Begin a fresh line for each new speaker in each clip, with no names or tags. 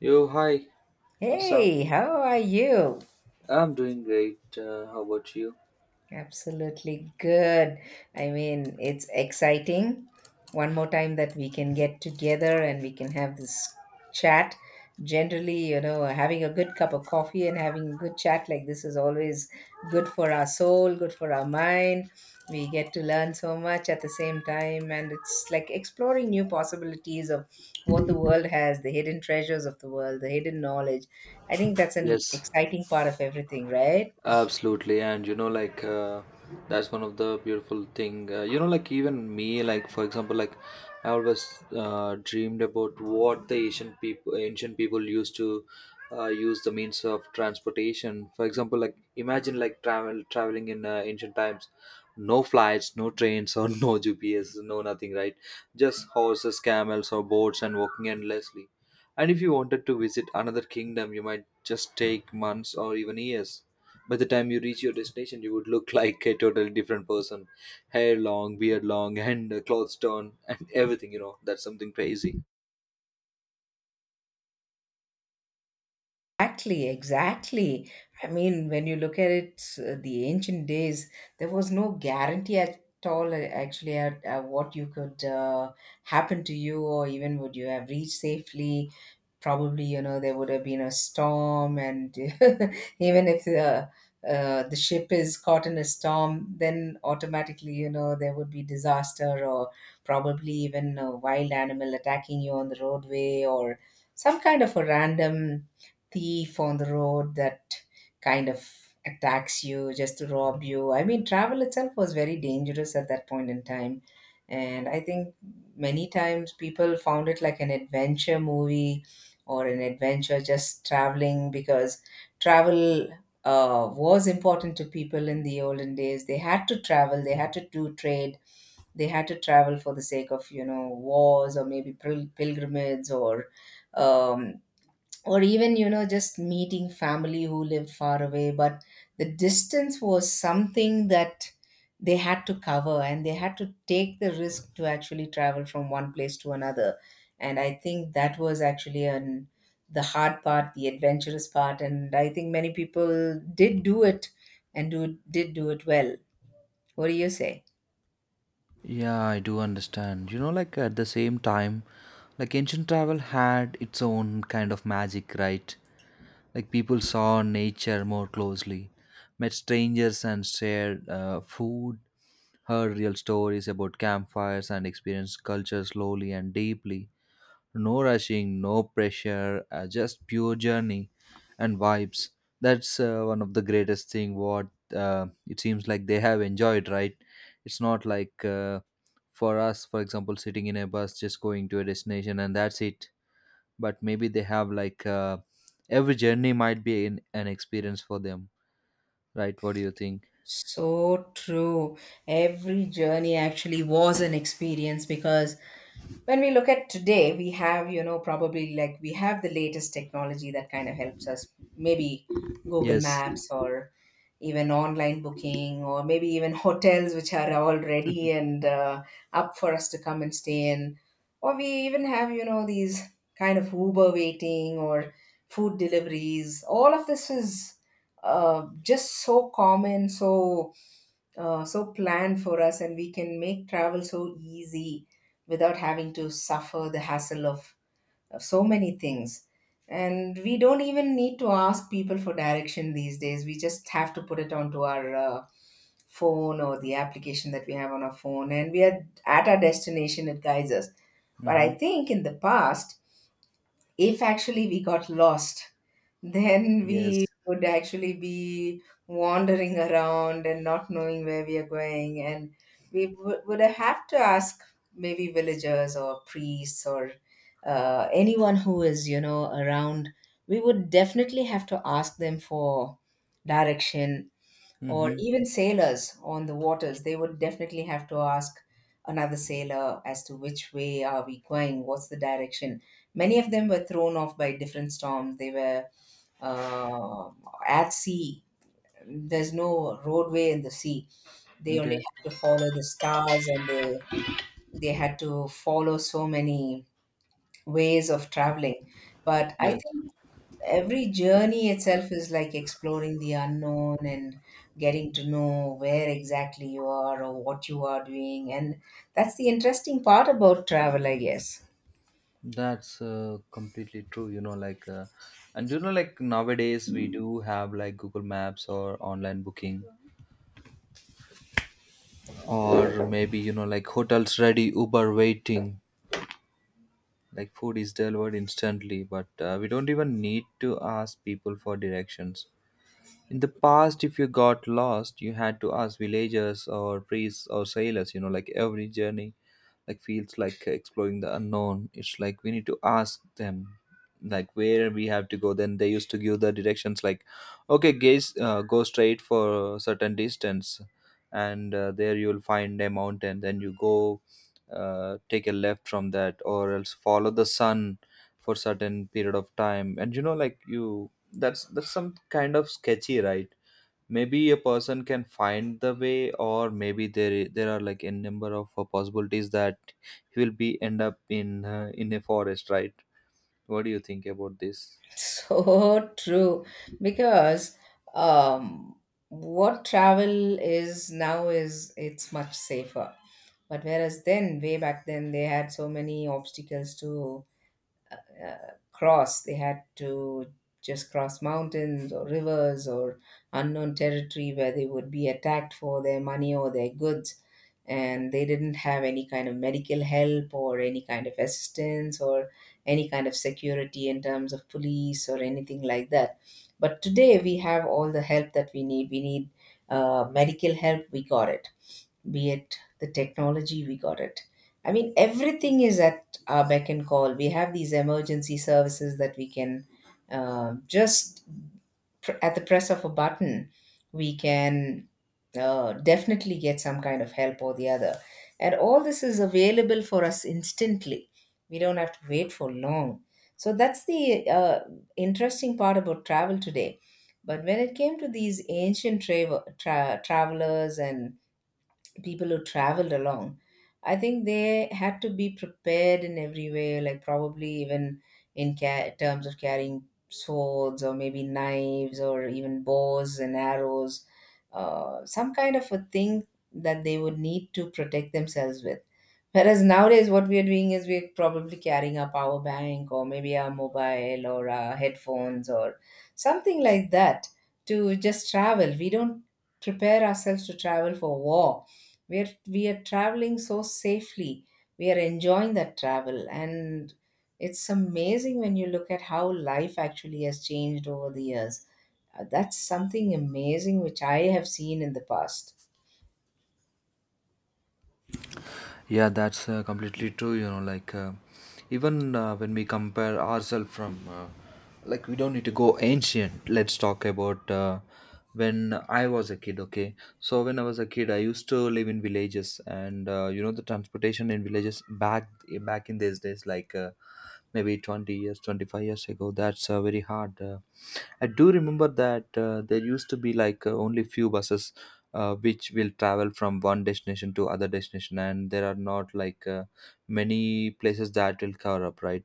Yo, hi, what's up?
Hey, how are you?
I'm doing great. How about you?
Absolutely good. I mean, it's exciting. One more time that we can get together and we can have this chat. Generally, you know, having a good cup of coffee and having a good chat like this is always good for our soul, good for our mind. We get to learn so much at the same time, and it's like exploring new possibilities of what the world has, the hidden treasures of the world, the hidden knowledge. I think that's an
Yes.
exciting part of everything, right?
Absolutely, and like that's one of the beautiful thing. Like even me, like for example, like I always dreamed about what the ancient people used to use the means of transportation. For example, like imagine like traveling in ancient times, no flights, no trains, or no GPS, no nothing, right? Just horses, camels, or boats, and walking endlessly. And if you wanted to visit another kingdom, you might just take months or even years by the time you reach your destination. You would look like a totally different person, hair long, beard long, and clothes torn and everything, that's something crazy.
Exactly, exactly. I mean, when you look at it, the ancient days, there was no guarantee at all, actually, at what you could happen to you, or even would you have reached safely, probably, you know, there would have been a storm. And even if the ship is caught in a storm, then automatically, you know, there would be disaster, or probably even a wild animal attacking you on the roadway, or some kind of a random thief on the road that kind of attacks you just to rob you. I mean, travel itself was very dangerous at that point in time, and I think many times people found it like an adventure movie or an adventure, just traveling, because travel was important to people in the olden days. They had to travel, they had to do trade, they had to travel for the sake of, you know, wars, or maybe pilgrimages, or um, or even, you know, just meeting family who lived far away. But the distance was something that they had to cover, and they had to take the risk to actually travel from one place to another. And I think that was actually an the hard part, the adventurous part, and I think many people did do it and do did do it well. What do you say?
Yeah, I do understand. Like at the same time, like ancient travel had its own kind of magic, right? Like people saw nature more closely, met strangers and shared food, heard real stories about campfires, and experienced culture slowly and deeply. No rushing, no pressure, just pure journey and vibes. That's one of the greatest thing what it seems like they have enjoyed, right? It's not like for us, for example, sitting in a bus just going to a destination and that's it. But maybe they have like every journey might be in, an experience for them, right? What do you think?
So true. Every journey actually was an experience, because when we look at today, we have, you know, probably, like, we have the latest technology that kind of helps us. Maybe Google
Yes.
Maps, or even online booking, or maybe even hotels which are all ready and up for us to come and stay in, or we even have, you know, these kind of Uber waiting or food deliveries. All of this is just so common, so so planned for us, and we can make travel so easy without having to suffer the hassle of so many things. And we don't even need to ask people for direction these days. We just have to put it onto our phone, or the application that we have on our phone, and we are at our destination, it guides us. But I
Mm-hmm.
think in the past, if actually we got lost, then
Yes.
we would actually be wandering around and not knowing where we are going. And we would have to ask maybe villagers or priests or anyone who is, you know, around. We would definitely have to ask them for direction, or
Mm-hmm.
even sailors on the waters, they would definitely have to ask another sailor as to which way are we going, what's the direction. Many of them were thrown off by different storms. They were, uh, at sea. There's no roadway in the sea. They only
Okay.
had to follow the stars, and they had to follow so many ways of traveling. But I
Yes.
think every journey itself is like exploring the unknown, and getting to know where exactly you are or what you are doing, and that's the interesting part about travel, I guess.
That's completely true, you know, like, and like nowadays we do have like Google Maps or online booking, or maybe, like hotels ready, Uber waiting, like food is delivered instantly, but we don't even need to ask people for directions. In the past, if you got lost, you had to ask villagers or priests or sailors. Like every journey like feels like exploring the unknown. It's like we need to ask them like where we have to go. Then they used to give the directions like, okay guys, go straight for a certain distance, and there you'll find a mountain, then you go, take a left from that, or else follow the sun for certain period of time. And like you, that's some kind of sketchy, right? Maybe a person can find the way, or maybe there are like a number of possibilities that he will be end up in in a forest, right? What do you think about this?
So true. Because um, what travel is now is it's much safer, but whereas then, way back then, they had so many obstacles to cross. They had to just cross mountains or rivers or unknown territory, where they would be attacked for their money or their goods. And they didn't have any kind of medical help or any kind of assistance or any kind of security in terms of police or anything like that. But today we have all the help that we need. We need medical help, we got it. Be it the technology, we got it. I mean, everything is at our beck and call. We have these emergency services that we can just at the press of a button we can definitely get some kind of help or the other, and all this is available for us instantly. We don't have to wait for long. So that's the interesting part about travel today. But when it came to these ancient travel travelers and people who traveled along, I think they had to be prepared in every way, like, probably even in terms of carrying swords or maybe knives or even bows and arrows, some kind of a thing that they would need to protect themselves with. Whereas nowadays, what we are doing is, we're probably carrying a power bank or maybe our mobile or our headphones or something like that. To just travel, we don't prepare ourselves to travel for war. We are, we are traveling so safely, we are enjoying that travel, and it's amazing when you look at how life actually has changed over the years. That's something amazing which I have seen in the past.
Yeah, that's completely true. You know, like even when we compare ourselves from, like, we don't need to go ancient. Let's talk about when I was a kid, okay? So, when I was a kid, I used to live in villages, and you know, the transportation in villages back in these days, like maybe 20 years, 25 years ago, that's very hard. I do remember that there used to be like only few buses which will travel from one destination to other destination, and there are not like many places that will cover up, right?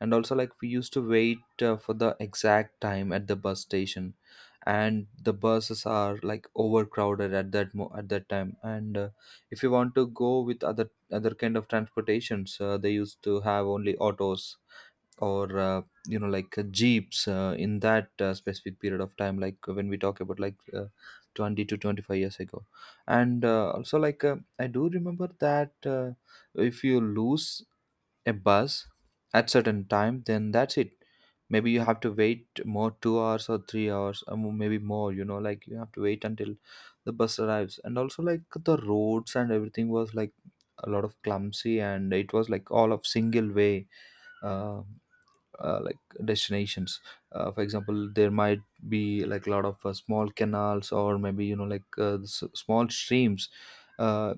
And also, like we used to wait for the exact time at the bus station, and the buses are like overcrowded at at that time. And if you want to go with other kind of transportations, they used to have only autos or you know like jeeps in that specific period of time, like when we talk about like 20 to 25 years ago. And also like I do remember that if you lose a bus at certain time, then that's it. Maybe you have to wait more 2 hours or 3 hours or maybe more. You know, like you have to wait until the bus arrives. And also like the roads and everything was like a lot of clumsy, and it was like all of single way uh, like destinations. For example, there might be like a lot of small canals, or maybe you know like small streams uh,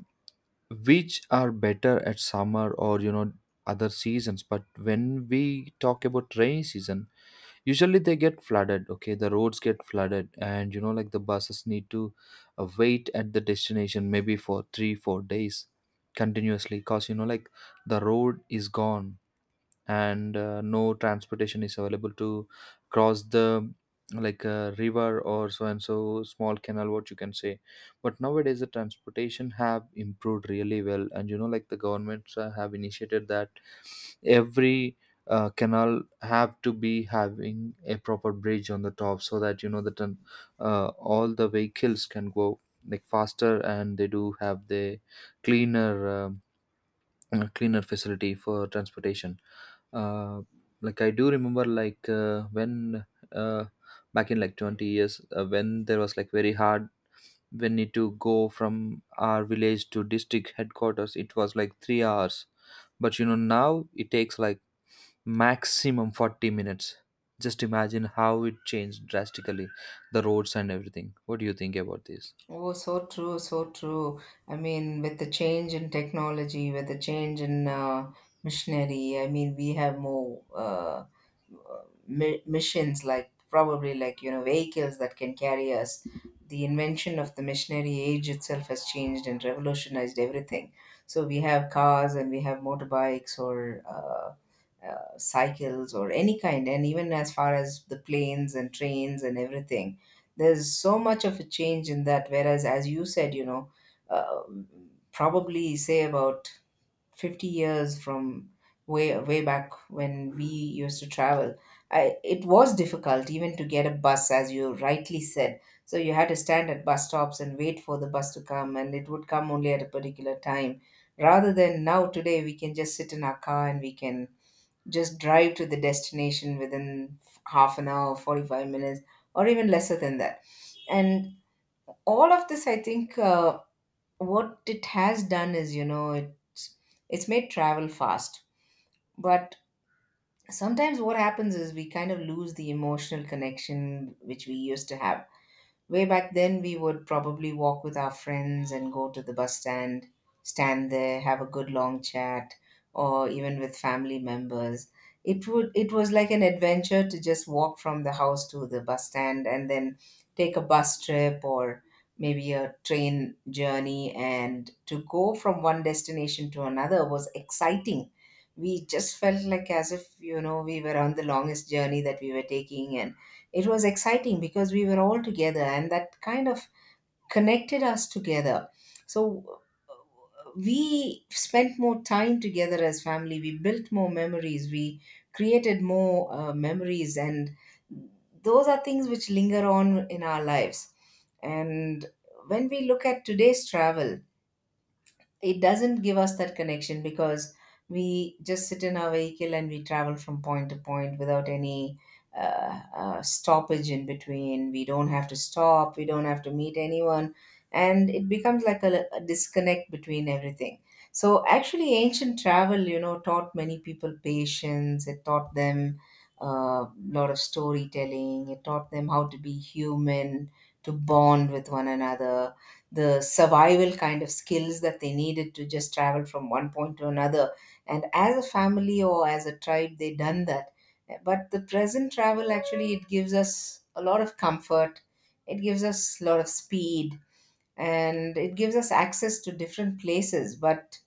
which are better at summer or you know other seasons. But when we talk about rainy season, usually they get flooded. Okay, the roads get flooded. And you know like the buses need to wait at the destination maybe for 3 4 days continuously, cause you know like the road is gone. And no transportation is available to cross the like river or so and so small canal, what you can say. But nowadays the transportation have improved really well. And you know like the governments have initiated that every canal have to be having a proper bridge on the top, so that you know that all the vehicles can go like faster. And they do have the cleaner cleaner facility for transportation. uh, like I do remember, like when uh, back in like 20 years, when there was like very hard, when need to go from our village to district headquarters, it was like 3 hours. But you know now it takes like maximum 40 minutes. Just imagine how it changed drastically, the roads and everything. What do you think about this?
Oh, so true, so true. I mean, with the change in technology, with the change in missionary, I mean, we have more missions, like, probably, like, you know, vehicles that can carry us. The invention of the missionary age itself has changed and revolutionized everything. So we have cars, and we have motorbikes, or cycles, or any kind, and even as far as the planes and trains and everything, there's so much of a change in that. Whereas, as you said, you know, uh, probably say about 50 years from, way back when we used to travel, it was difficult even to get a bus, as you rightly said. So you had to stand at bus stops and wait for the bus to come, and it would come only at a particular time, rather than now. Today, we can just sit in our car and we can just drive to the destination within half an hour, 45 minutes, or even lesser than that. And all of this, I think, what it has done is, you know, it's made travel fast. But sometimes what happens is, we kind of lose the emotional connection which we used to have. Way back then, we would probably walk with our friends and go to the bus stand, stand there, have a good long chat, or even with family members. It was like an adventure to just walk from the house to the bus stand and then take a bus trip or maybe a train journey, and to go from one destination to another was exciting. We just felt like as if, you know, we were on the longest journey that we were taking, and it was exciting because we were all together, and that kind of connected us together. So we spent more time together as family, we built more memories, we created more memories, and those are things which linger on in our lives. And when we look at today's travel, it doesn't give us that connection, because we just sit in our vehicle and we travel from point to point without any stoppage in between. We don't have to stop, we don't have to meet anyone, and it becomes like a disconnect between everything. So, actually, ancient travel, you know, taught many people patience, it taught them a lot of storytelling, it taught them how to be human, to bond with one another, the survival kind of skills that they needed to just travel from one point to another. And as a family or as a tribe, they done that. But the present travel actually, it gives us a lot of comfort. It gives us a lot of speed, and it gives us access to different places. But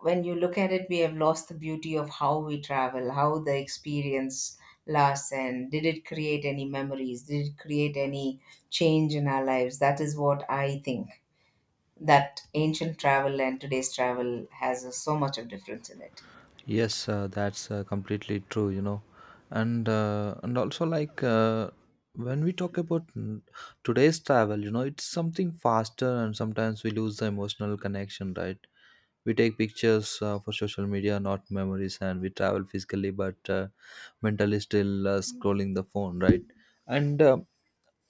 when you look at it, we have lost the beauty of how we travel, how the experience lasts, and did it create any memories? Did it create any change in our lives? That is what I think, that ancient travel and today's travel has so much of difference in it.
Yes, that's completely true, you know. And also like when we talk about today's travel, you know, it's something faster and sometimes we lose the emotional connection, right? We take pictures for social media, not memories, and we travel physically but mentally still scrolling the phone, right? And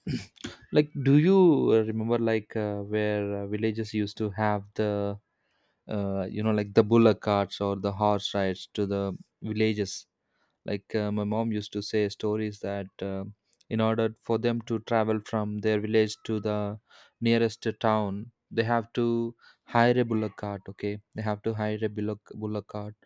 like do you remember like where villages used to have the you know like the bullock carts or the horse rides to the villages? Like my mom used to say stories that in order for them to travel from their village to the nearest town, they have to hire a bullock cart. Okay, they have to hire a bullock cart,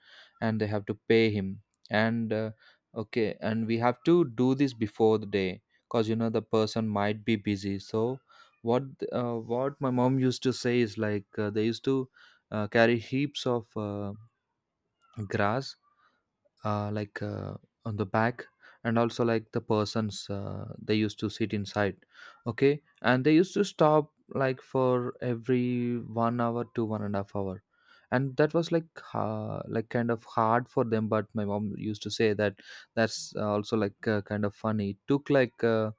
and they have to pay him. And okay, and we have to do this before the day, cause you know the person might be busy. So what what my mom used to say is like they used to carry heaps of grass like on the back. And also like the persons they used to sit inside. Okay, and they used to stop like for every 1 hour to 1.5 hour. And that was like kind of hard for them, but my mom used to say that that's also like kind of funny. It took like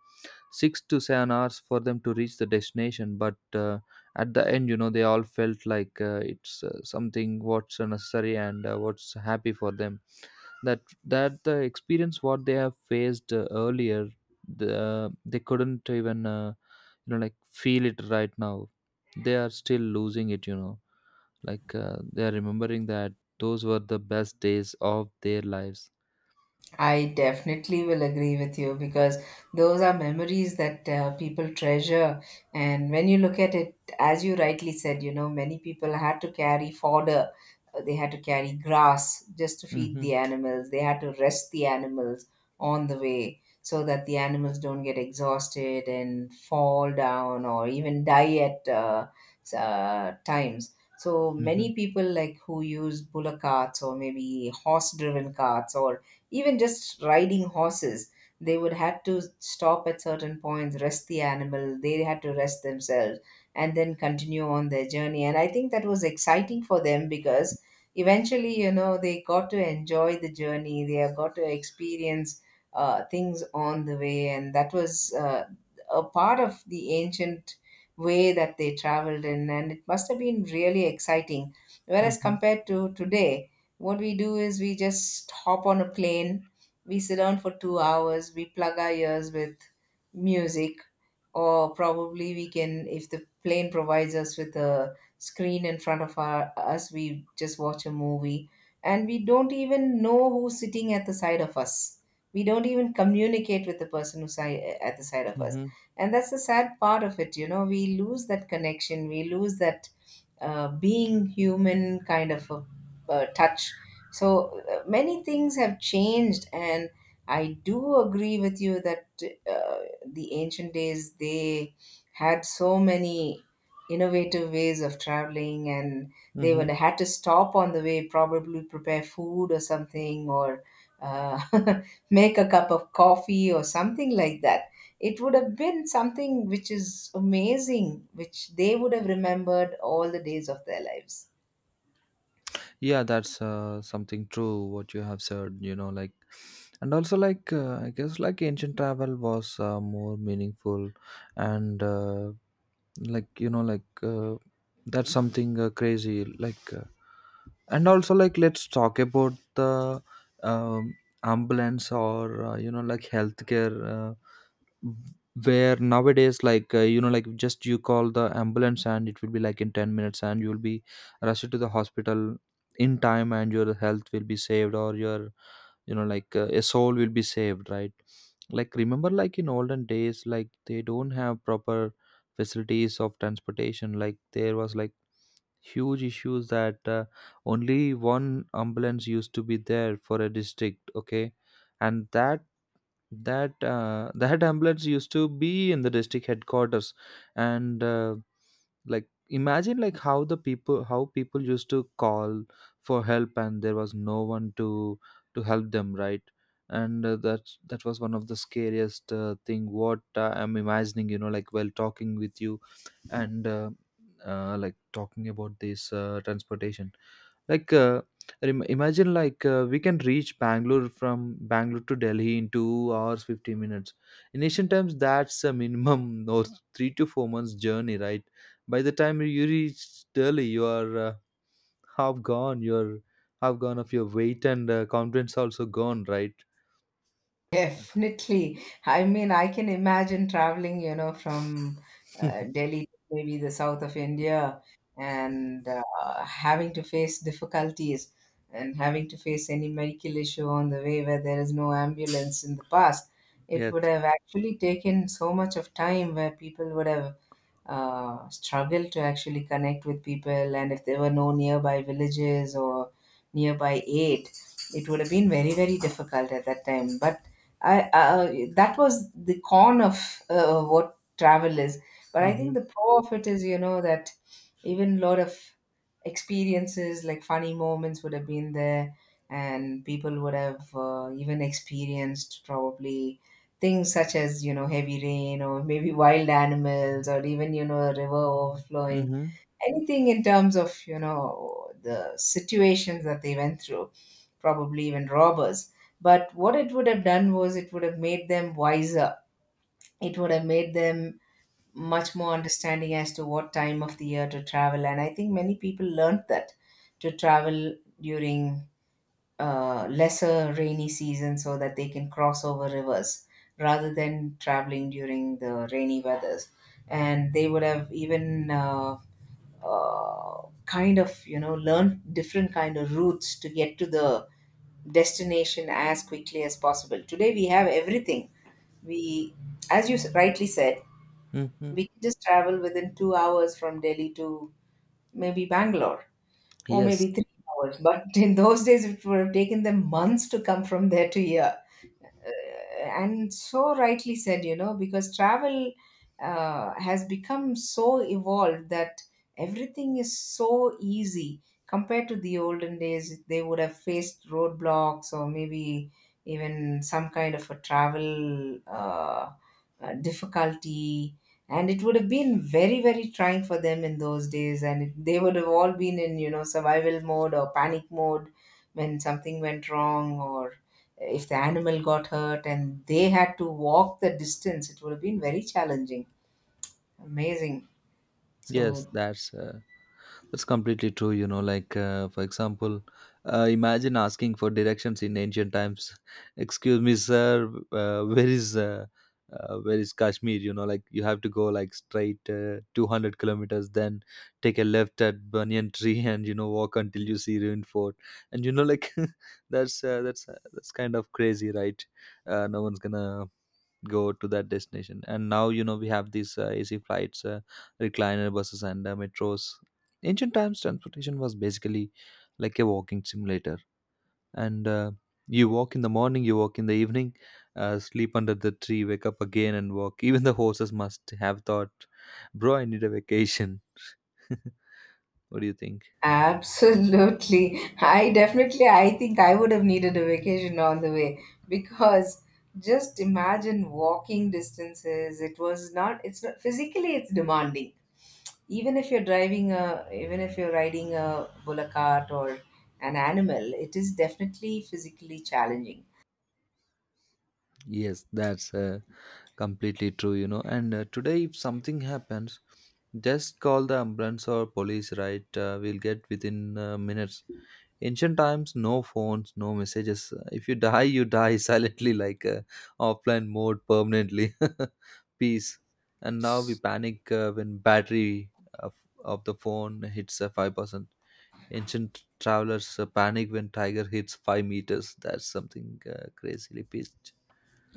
6 to 7 hours for them to reach the destination, but at the end, you know, they all felt like it's something what's necessary and what's happy for them. That the experience what they have faced earlier, they couldn't even you know like feel it right now. They are still losing it, you know, like they are remembering that those were the best days of their lives.
I definitely will agree with you, because those are memories that people treasure. And when you look at it, as you rightly said, you know, many people had to carry fodder, they had to carry grass just to feed
Mm-hmm.
the animals, they had to rest the animals on the way so that the animals don't get exhausted and fall down or even die at times. So
Mm-hmm.
many people like who use bullock carts or maybe horse driven carts or even just riding horses, they would had to stop at certain points, rest the animal, they had to rest themselves, and then continue on their journey. And I think that was exciting for them because eventually, you know, they got to enjoy the journey, they have got to experience things on the way, and that was a part of the ancient way that they traveled in, and it must have been really exciting. Whereas
Mm-hmm.
compared to today, what we do is we just hop on a plane, we sit down for 2 hours, we plug our ears with music, or probably we can, if the plane provides us with a screen in front of our, us, we just watch a movie. And we don't even know who's sitting at the side of us. We don't even communicate with the person who's at the side of us.
Mm-hmm.
And that's the sad part of it, you know. We lose that connection, we lose that being human kind of a, touch. So many things have changed, and I do agree with you that uh, the ancient days they had so many innovative ways of traveling, and they
Mm-hmm.
would had to stop on the way, probably prepare food or something, or uh, make a cup of coffee or something like that. It would have been something which is amazing, which they would have remembered all the days of their lives.
Yeah, that's something true what you have said, you know, like, and also like I guess like ancient travel was more meaningful, and like you know like that's something crazy, like and also like let's talk about the um, ambulance, or you know like healthcare, where nowadays like you know like just you call the ambulance and it will be like in 10 minutes, and you will be rushed to the hospital in time. And your health will be saved, or your, you know, like a soul will be saved, right? Like remember, like in olden days like they don't have proper facilities of transportation. Like there was like huge issues that only one ambulance used to be there for a district, okay. And that that that ambulance used to be in the district headquarters. And like imagine like how the people used to call for help, and there was no one to help them, right? And that was one of the scariest thing what I'm imagining, you know, like while talking with you. And like talking about this transportation. Like, imagine like we can reach Bangalore from Bangalore to Delhi in 2 hours 50 minutes. In ancient times, that's a minimum or 3 to 4 months journey, right? By the time you reach Delhi, you are half gone. You're half gone of your weight, and confidence also gone, right?
Definitely. I mean, I can imagine traveling, you know, from Delhi to maybe the south of India and having to face difficulties and having to face any medical issue on the way where there is no ambulance in the past. It
Yes.
would have actually taken so much of time where people would have struggled to actually connect with people. And if there were no nearby villages or nearby aid, it would have been very, very difficult at that time. But I That was the con of what travel is, but I think
Mm-hmm.
the pro of it is, you know, that even a lot of experiences like funny moments would have been there, and people would have even experienced probably things such as, you know, heavy rain or maybe wild animals or even, you know, a river overflowing,
Mm-hmm.
anything in terms of, you know, the situations that they went through, probably even robbers. But what it would have done was it would have made them wiser, it would have made them much more understanding as to what time of the year to travel. And I think many people learned that to travel during lesser rainy season so that they can cross over rivers rather than traveling during the rainy weathers. And they would have even kind of, you know, learn different kind of routes to get to the destination as quickly as possible. Today we have everything. We, as you rightly said,
Mm-hmm.
we can just travel within 2 hours from Delhi to maybe Bangalore or
Yes.
maybe 3 hours, but in those days it would have taken them months to come from there to here. And so rightly said, you know, because travel has become so evolved that everything is so easy compared to the olden days. They would have faced roadblocks or maybe even some kind of a travel difficulty, and it would have been very, very trying for them in those days. And they would have all been in, you know, survival mode or panic mode when something went wrong, or if the animal got hurt and they had to walk the distance, it would have been very challenging. Amazing. So,
Yes. That's completely true. You know, like for example, imagine asking for directions in ancient times. Excuse me, sir. Where is Kashmir? You know, like you have to go like straight 200 kilometers, then take a left at Banyan Tree, and you know walk until you see ruined fort. And you know, like that's kind of crazy, right? No one's gonna go to that destination, and now you know we have these ac flights, recliner buses, and metros. Ancient times transportation was basically like a walking simulator, and you walk in the morning, you walk in the evening, sleep under the tree, wake up again and walk. Even the horses must have thought, bro, I need a vacation. What do you think?
absolutely. I think I would have needed a vacation on the way because just imagine walking distances. It's not physically it's demanding. Even if you're riding a bullock cart or an animal, it is definitely physically challenging.
Yes, that's completely true, you know. And today if something happens, just call the ambulance or police, right? We'll get within minutes. Ancient times, no phones, no messages. If you die, you die silently, like offline mode permanently. Peace. And now we panic when battery of, of the phone hits 5%. Ancient travelers panic when tiger hits 5 meters. That's something crazily pissed,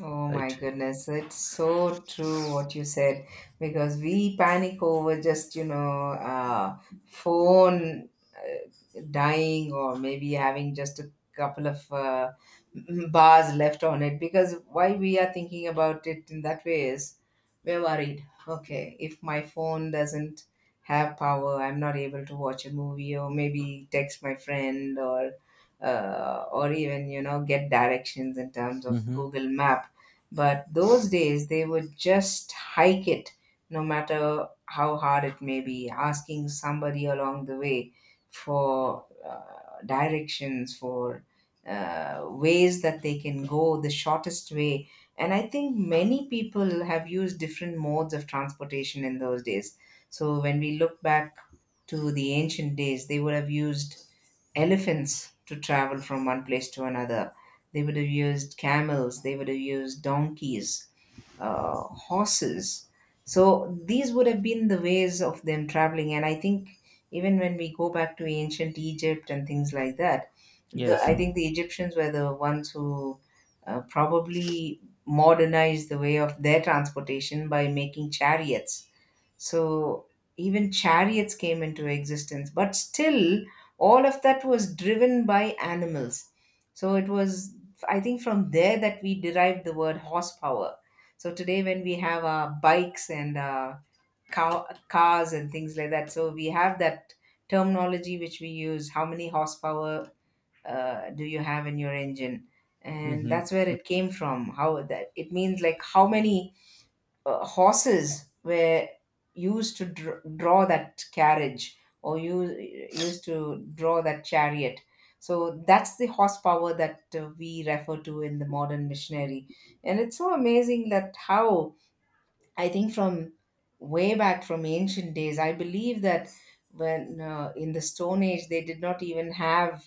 Oh
right?
my goodness, it's so true what you said, because we panic over just, you know, phone dying or maybe having just a couple of bars left on it. Because why we are thinking about it in that way is we're worried. Okay, if my phone doesn't have power, I'm not able to watch a movie or maybe text my friend or even, you know, get directions in terms of
Mm-hmm.
Google Map. But those days, they would just hike it, no matter how hard it may be, asking somebody along the way for directions, for ways that they can go, the shortest way. And I think many people have used different modes of transportation in those days. So when we look back to the ancient days, they would have used elephants to travel from one place to another. They would have used camels, they would have used donkeys, uh, horses. So these would have been the ways of them traveling. And I think even when we go back to ancient Egypt and things like that,
Yes.
I think the Egyptians were the ones who probably modernized the way of their transportation by making chariots. So even chariots came into existence, but still, all of that was driven by animals. So it was, I think, from there that we derived the word horsepower. So today, when we have our bikes and cars and things like that, so we have that terminology which we use. How many horsepower do you have in your engine? And
Mm-hmm.
that's where it came from. How that it means like how many horses were used to draw that carriage, or used to draw that chariot. So that's the horsepower that we refer to in the modern missionary. And it's so amazing that how I think from way back from ancient days, I believe that when in the Stone Age they did not even have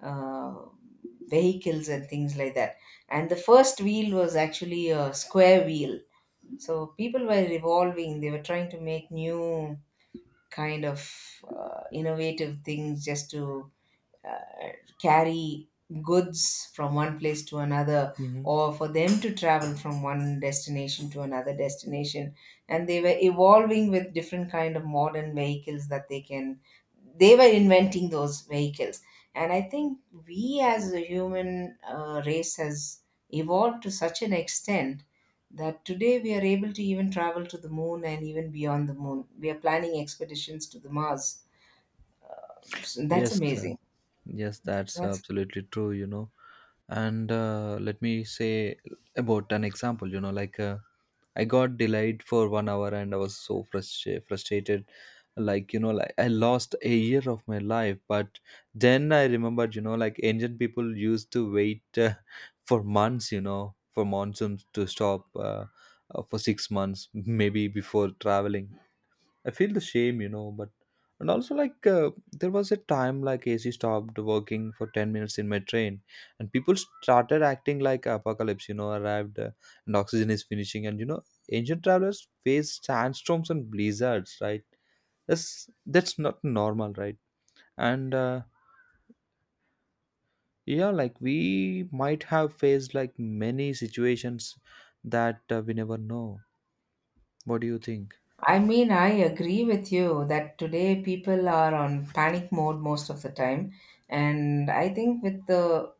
uh, vehicles and things like that. And the first wheel was actually a square wheel. So people were evolving, they were trying to make new kind of innovative things just to uh, carry goods from one place to another,
Mm-hmm.
or for them to travel from one destination to another destination. And they were evolving with different kind of modern vehicles that they were inventing those vehicles. And I think we, as a human race, has evolved to such an extent that today we are able to even travel to the moon, and even beyond the moon we are planning expeditions to the Mars. So that's
Yes.
amazing.
Yes, that's
That's,
absolutely true, you know. And let me say about an example, you know, like I got delayed for 1 hour and I was so frustrated. Like, you know, like I lost a year of my life. But then I remembered, you know, like ancient people used to wait for months, you know, for monsoons to stop for 6 months, maybe, before traveling. I feel the shame, you know, but and also like there was a time like AC stopped working for 10 minutes in my train, and people started acting like apocalypse, you know, arrived and oxygen is finishing. And you know, ancient travelers face sandstorms and blizzards, right? That's not normal, right? And yeah, like we might have faced like many situations that we never know. What do you think?
I mean, I agree with you that today people are on panic mode most of the time, and I think with the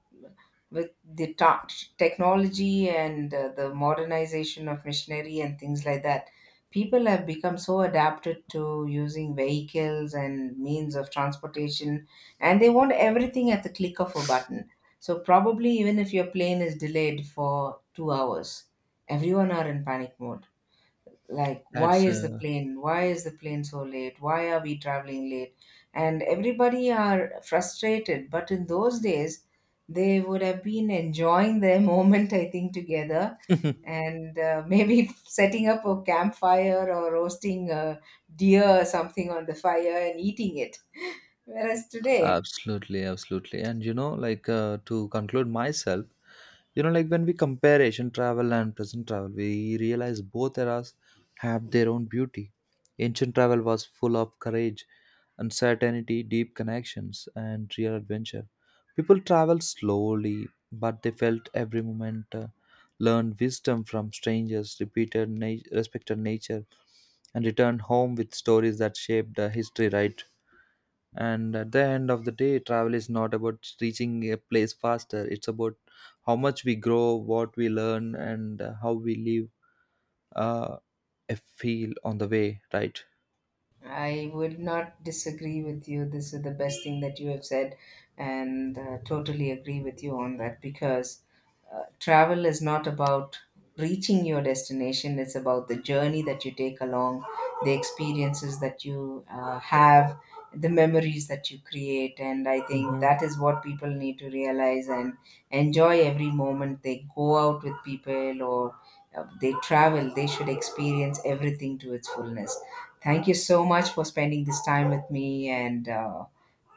with the ta- technology and the modernization of machinery and things like that, people have become so adapted to using vehicles and means of transportation, and they want everything at the click of a button. So probably even if your plane is delayed for 2 hours, everyone are in panic mode, like why
That's
is the plane why is the plane so late, why are we traveling late, and everybody are frustrated. But in those days, they would have been enjoying their moment, I think, together. And maybe setting up a campfire or roasting a deer or something on the fire and eating it. Whereas today,
absolutely, absolutely. And you know, like to conclude myself, you know, like when we compare Asian travel and present travel, we realize both eras have their own beauty. Ancient travel was full of courage, uncertainty, deep connections, and real adventure. People traveled slowly, but they felt every moment, learned wisdom from strangers, respected nature, and returned home with stories that shaped history, right? And at the end of the day, travel is not about reaching a place faster. It's about how much we grow, what we learn, and how we live uh, a feel on the way, right?
I would not disagree with you. This is the best thing that you have said, and totally agree with you on that. Because travel is not about reaching your destination, it's about the journey that you take along, the experiences that you have, the memories that you create. And I think
Hmm.
that is what people need to realize and enjoy every moment they go out with people, or they travel, they should experience everything to its fullness. Thank you so much for spending this time with me, and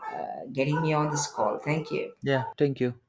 uh, getting me on this call. Thank you.
Yeah, thank you.